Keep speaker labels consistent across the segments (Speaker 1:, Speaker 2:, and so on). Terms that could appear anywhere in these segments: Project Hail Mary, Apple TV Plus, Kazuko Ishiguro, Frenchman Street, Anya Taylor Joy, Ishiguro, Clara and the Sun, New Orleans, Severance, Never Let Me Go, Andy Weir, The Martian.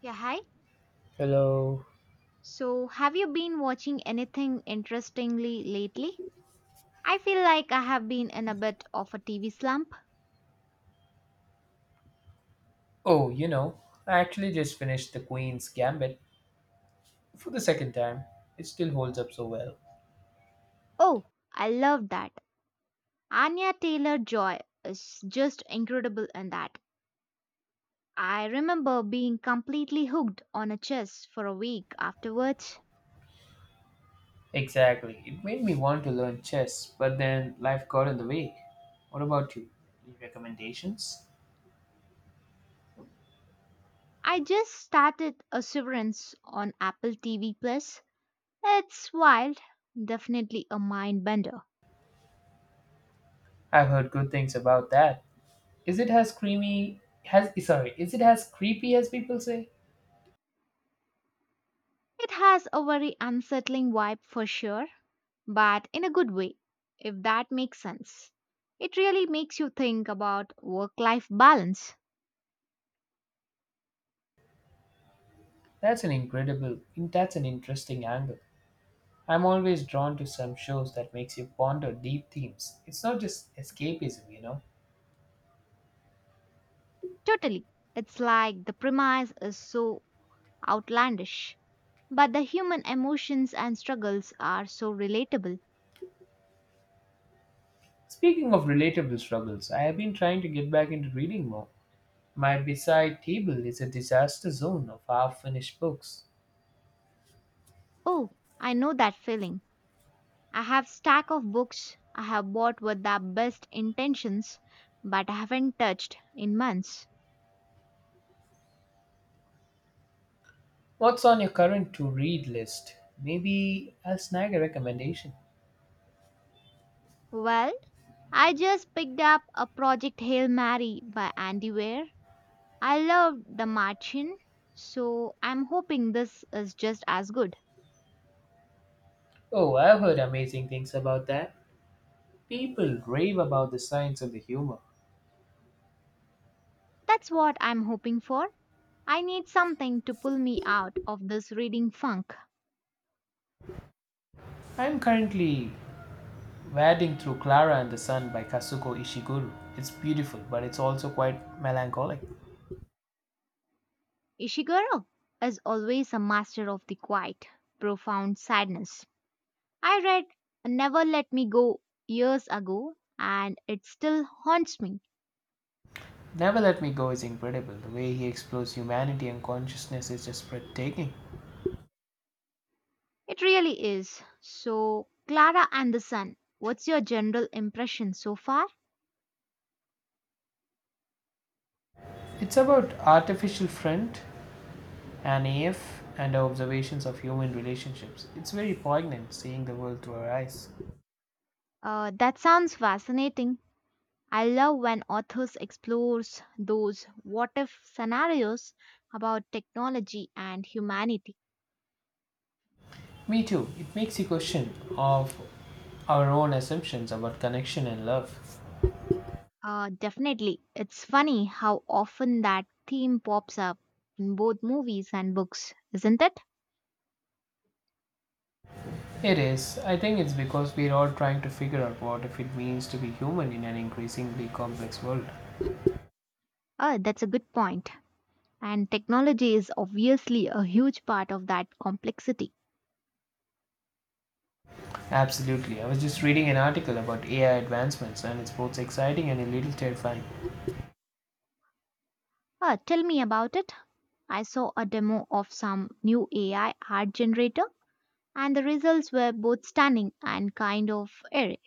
Speaker 1: Yeah, hi.
Speaker 2: Hello.
Speaker 1: So, have you been watching anything interestingly lately? I feel like I have been in a bit of a TV slump.
Speaker 2: Oh, you know, I actually just finished The Queen's Gambit for the second time. It still holds up so well.
Speaker 1: Oh, I love that. Anya Taylor Joy is just incredible in that. I remember being completely hooked on a chess for a week afterwards.
Speaker 2: Exactly. It made me want to learn chess, but then life got in the way. What about you? Any recommendations?
Speaker 1: I just started a Severance on Apple TV Plus. It's wild, definitely a mind bender.
Speaker 2: I've heard good things about that. Is it as is it as creepy as people say?
Speaker 1: It has a very unsettling vibe for sure, but in a good way, if that makes sense. It really makes you think about work life balance.
Speaker 2: That's an interesting angle. I'm always drawn to some shows that makes you ponder deep themes. It's not just escapism, you know.
Speaker 1: Totally. It's like the premise is so outlandish, but the human emotions and struggles are so relatable.
Speaker 2: Speaking of relatable struggles, I have been trying to get back into reading more. My bedside table is a disaster zone of half finished books.
Speaker 1: Oh, I know that feeling. I have stack of books I have bought with the best intentions but I haven't touched in months.
Speaker 2: What's on your current to read list? Maybe I'll snag a recommendation.
Speaker 1: Well, I just picked up a Project Hail Mary by Andy Weir. I loved The Martian, so I'm hoping this is just as good.
Speaker 2: Oh, I've heard amazing things about that. People rave about the science of the humor.
Speaker 1: That's what I'm hoping for. I need something to pull me out of this reading funk.
Speaker 2: I'm currently wading through Clara and the Sun by Kazuko Ishiguro. It's beautiful, but it's also quite melancholic.
Speaker 1: Ishiguro is always a master of the quiet, profound sadness. I read Never Let Me Go years ago and it still haunts me.
Speaker 2: Never Let Me Go is incredible. The way he explores humanity and consciousness is just breathtaking.
Speaker 1: It really is. So, Clara and the Sun, what's your general impression so far?
Speaker 2: It's about artificial front and AF and our observations of human relationships. It's very poignant seeing the world through our eyes.
Speaker 1: That sounds fascinating. I love when authors explores those what if scenarios about technology and humanity.
Speaker 2: Me too. It makes you question of our own assumptions about connection and love.
Speaker 1: Definitely. It's funny how often that theme pops up in both movies and books, isn't it?
Speaker 2: It is. I think it's because we're all trying to figure out what if it means to be human in an increasingly complex world.
Speaker 1: Oh, that's a good point. And technology is obviously a huge part of that complexity.
Speaker 2: Absolutely. I was just reading an article about AI advancements, and it's both exciting and a little terrifying.
Speaker 1: Tell me about it. I saw a demo of some new AI art generator, and the results were both stunning and kind of eerie.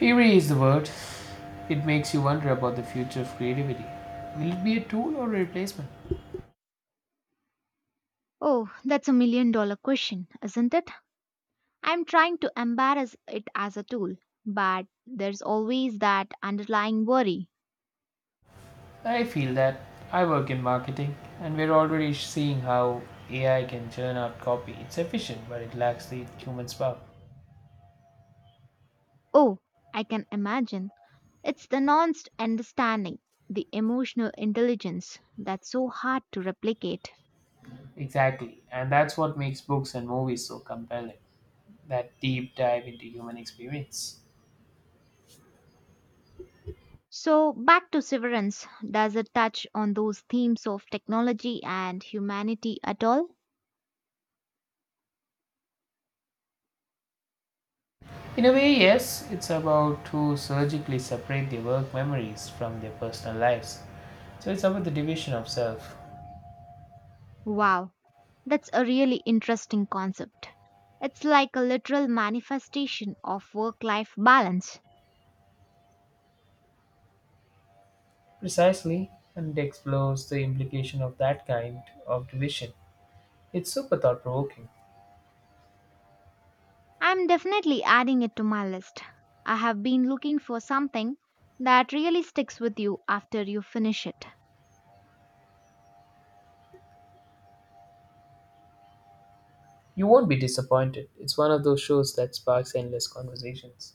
Speaker 2: Eerie is the word. It makes you wonder about the future of creativity. Will it be a tool or a replacement?
Speaker 1: Oh, that's a million dollar question, isn't it? I'm trying to embrace it as a tool, but there's always that underlying worry.
Speaker 2: I feel that. I work in marketing, and we're already seeing how AI can churn out copy. It's efficient, but it lacks the human spark.
Speaker 1: Oh, I can imagine. It's the nuanced understanding, the emotional intelligence that's so hard to replicate.
Speaker 2: Exactly, and that's what makes books and movies so compelling, that deep dive into human experience.
Speaker 1: So, back to Severance, does it touch on those themes of technology and humanity at all?
Speaker 2: In a way, yes, it's about to surgically separate their work memories from their personal lives. So it's about the division of self.
Speaker 1: Wow, that's a really interesting concept. It's like a literal manifestation of work life balance.
Speaker 2: Precisely, and it explores the implication of that kind of division. It's super thought provoking.
Speaker 1: I'm definitely adding it to my list. I have been looking for something that really sticks with you after you finish it.
Speaker 2: You won't be disappointed. It's one of those shows that sparks endless conversations.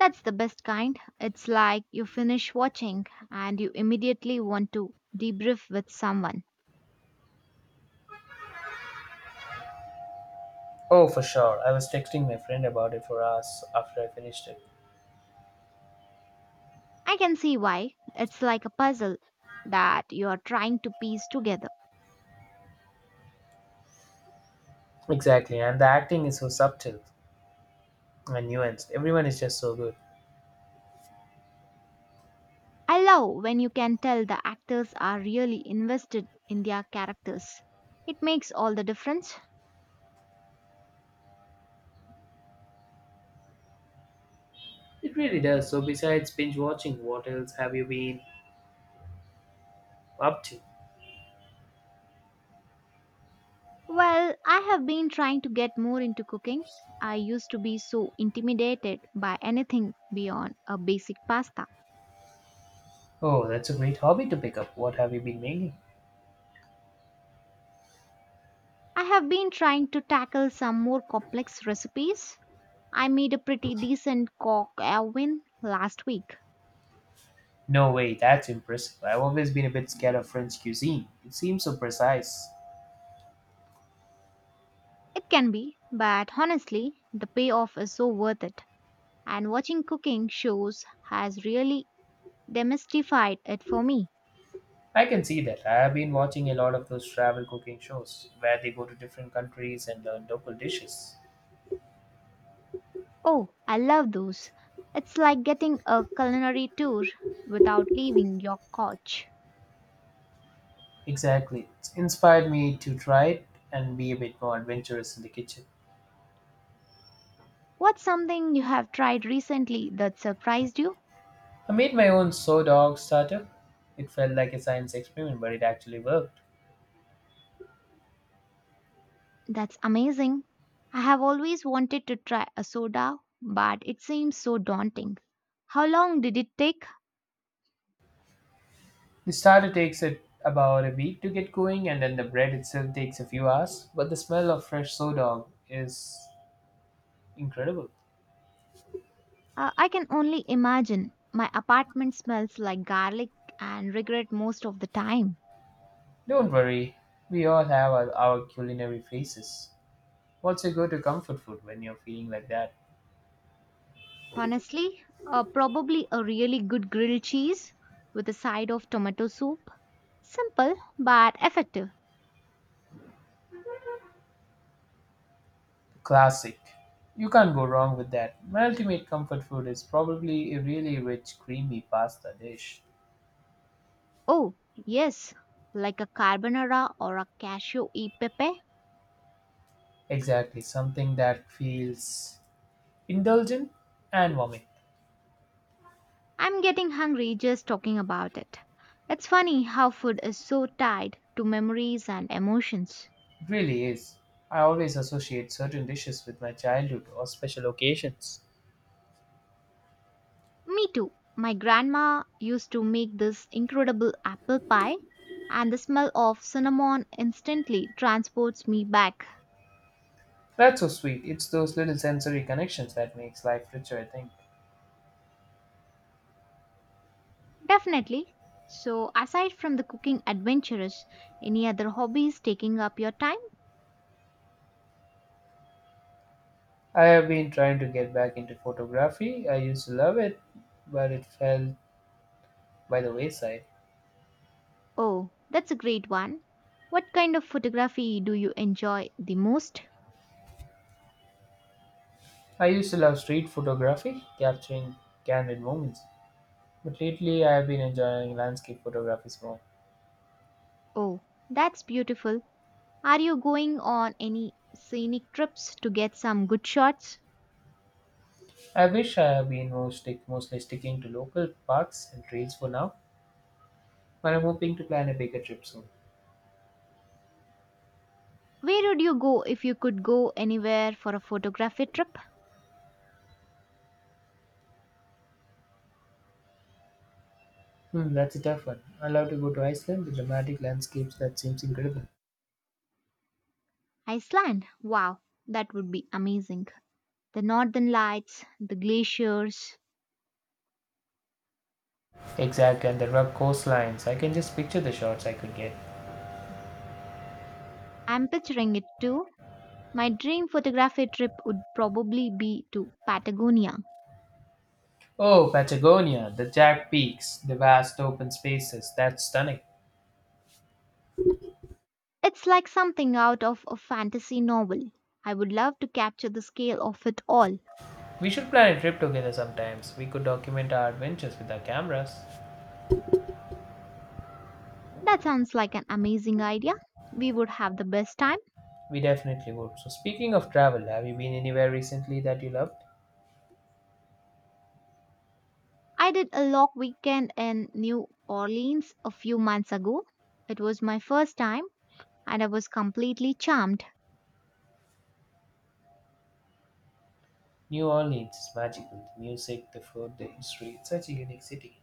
Speaker 1: That's the best kind. It's like you finish watching and you immediately want to debrief with someone.
Speaker 2: Oh, for sure. I was texting my friend about it for hours after I finished it.
Speaker 1: I can see why. It's like a puzzle that you are trying to piece together.
Speaker 2: Exactly, and the acting is so subtle and nuanced. Everyone is just so good.
Speaker 1: I love when you can tell the actors are really invested in their characters. It makes all the difference.
Speaker 2: It really does. So, besides binge watching, what else have you been up to?
Speaker 1: Well, I have been trying to get more into cooking. I used to be so intimidated by anything beyond a basic pasta.
Speaker 2: Oh, that's a great hobby to pick up. What have you been mainly?
Speaker 1: I have been trying to tackle some more complex recipes. I made a pretty decent cock oven last week.
Speaker 2: No way, that's impressive. I've always been a bit scared of French cuisine. It seems so precise.
Speaker 1: It can be, but honestly, the payoff is so worth it. And watching cooking shows has really demystified it for me.
Speaker 2: I can see that. I've been watching a lot of those travel cooking shows where they go to different countries and learn local dishes.
Speaker 1: Oh, I love those. It's like getting a culinary tour without leaving your couch.
Speaker 2: Exactly. It's inspired me to try it and be a bit more adventurous in the kitchen.
Speaker 1: What's something you have tried recently that surprised you?
Speaker 2: I made my own sour dog starter. It felt like a science experiment, but it actually worked.
Speaker 1: That's amazing. I have always wanted to try a soda, but it seems so daunting. How long did it take?
Speaker 2: The starter takes it about a week to get going, and then the bread itself takes a few hours. But the smell of fresh sour dog is incredible.
Speaker 1: I can only imagine. My apartment smells like garlic and regret most of the time.
Speaker 2: Don't worry, we all have our culinary faces. What's your go-to comfort food when you're feeling like that?
Speaker 1: Honestly, probably a really good grilled cheese with a side of tomato soup. Simple but effective.
Speaker 2: Classic. You can't go wrong with that. My ultimate comfort food is probably a really rich, creamy pasta dish.
Speaker 1: Oh, yes, like a carbonara or a cashew e pepe.
Speaker 2: Exactly, something that feels indulgent and warming.
Speaker 1: I'm getting hungry just talking about it. It's funny how food is so tied to memories and emotions.
Speaker 2: It really is. I always associate certain dishes with my childhood or special occasions.
Speaker 1: Me too. My grandma used to make this incredible apple pie, and the smell of cinnamon instantly transports me back.
Speaker 2: That's so sweet. It's those little sensory connections that makes life richer, I think.
Speaker 1: Definitely. So, aside from the cooking adventures, any other hobbies taking up your time?
Speaker 2: I have been trying to get back into photography. I used to love it, but it fell by the wayside.
Speaker 1: Oh, that's a great one. What kind of photography do you enjoy the most?
Speaker 2: I used to love street photography, capturing candid moments. But lately, I have been enjoying landscape photography more.
Speaker 1: Oh, that's beautiful. Are you going on any scenic trips to get some good shots?
Speaker 2: I wish I have been more stick, mostly sticking to local parks and trails for now, but I'm hoping to plan a bigger trip soon.
Speaker 1: Where would you go if you could go anywhere for a photography trip?
Speaker 2: Hmm, that's a tough one. I love to go to Iceland, the dramatic landscapes that seems incredible.
Speaker 1: Iceland. Wow, that would be amazing. The northern lights, the glaciers.
Speaker 2: Exactly, and the rugged coastlines. I can just picture the shots I could get.
Speaker 1: I'm picturing it too. My dream photography trip would probably be to Patagonia.
Speaker 2: Oh, Patagonia, the jagged peaks, the vast open spaces, that's stunning.
Speaker 1: It's like something out of a fantasy novel. I would love to capture the scale of it all.
Speaker 2: We should plan a trip together sometimes. We could document our adventures with our cameras.
Speaker 1: That sounds like an amazing idea. We would have the best time.
Speaker 2: We definitely would. So, speaking of travel, have you been anywhere recently that you loved?
Speaker 1: I did a long weekend in New Orleans a few months ago. It was my first time and I was completely charmed.
Speaker 2: New Orleans is magical. The music, the food, the history. It's such a unique city.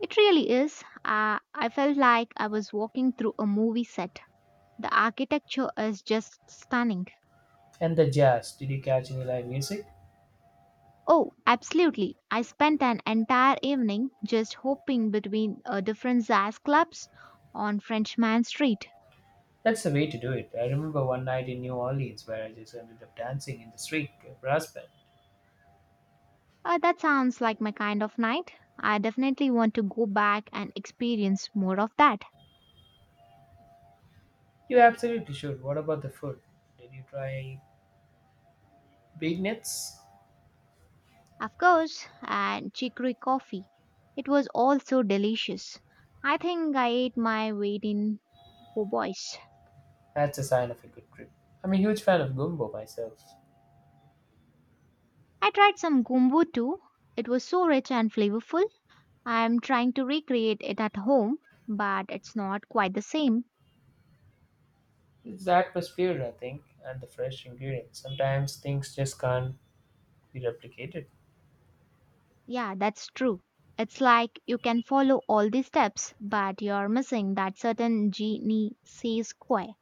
Speaker 1: It really is. I felt like I was walking through a movie set. The architecture is just stunning.
Speaker 2: And the jazz. Did you catch any live music?
Speaker 1: Oh, absolutely. I spent an entire evening just hopping between different jazz clubs on Frenchman Street.
Speaker 2: That's the way to do it. I remember one night in New Orleans where I just ended up dancing in the street to a brass band.
Speaker 1: That sounds like my kind of night. I definitely want to go back and experience more of that.
Speaker 2: You absolutely should. What about the food? Did you try big nets?
Speaker 1: Of course, and chicory coffee. It was all so delicious. I think I ate my weight in po' boys.
Speaker 2: That's a sign of a good trip. I'm a huge fan of gumbo myself.
Speaker 1: I tried some gumbo too. It was so rich and flavorful. I am trying to recreate it at home, but it's not quite the same.
Speaker 2: It's the atmosphere, I think, and the fresh ingredients. Sometimes things just can't be replicated.
Speaker 1: Yeah, that's true. It's like you can follow all the steps, but you're missing that certain Genesee Square.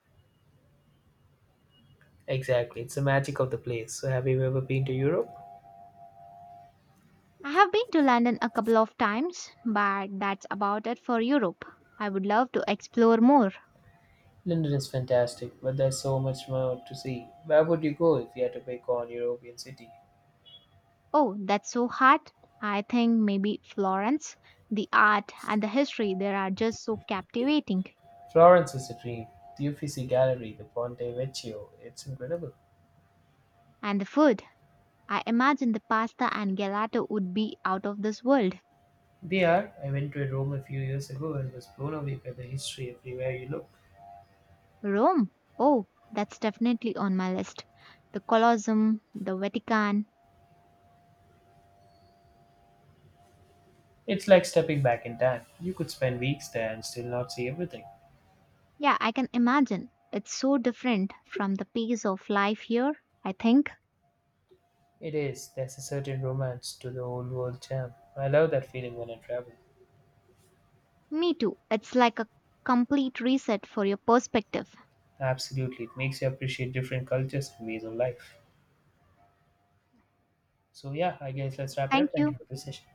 Speaker 2: Exactly, it's the magic of the place. So, have you ever been to Europe?
Speaker 1: I have been to London a couple of times, but that's about it for Europe. I would love to explore more.
Speaker 2: London is fantastic, but there's so much more to see. Where would you go if you had to pick one European city?
Speaker 1: Oh, that's so hard. I think maybe Florence. The art and the history there are just so captivating.
Speaker 2: Florence is a dream. The Uffizi Gallery, the Ponte Vecchio, it's incredible.
Speaker 1: And the food. I imagine the pasta and gelato would be out of this world.
Speaker 2: They are. I went to Rome a few years ago and was blown away by the history everywhere you look.
Speaker 1: Rome? Oh, that's definitely on my list. The Colosseum, the Vatican.
Speaker 2: It's like stepping back in time. You could spend weeks there and still not see everything.
Speaker 1: Yeah, I can imagine. It's so different from the pace of life here, I think.
Speaker 2: It is. There's a certain romance to the old world charm. I love that feeling when I travel.
Speaker 1: Me too. It's like a complete reset for your perspective.
Speaker 2: Absolutely. It makes you appreciate different cultures and ways of life. So, yeah, I guess let's wrap it
Speaker 1: Thank
Speaker 2: up. Thank
Speaker 1: you.
Speaker 2: you for this session.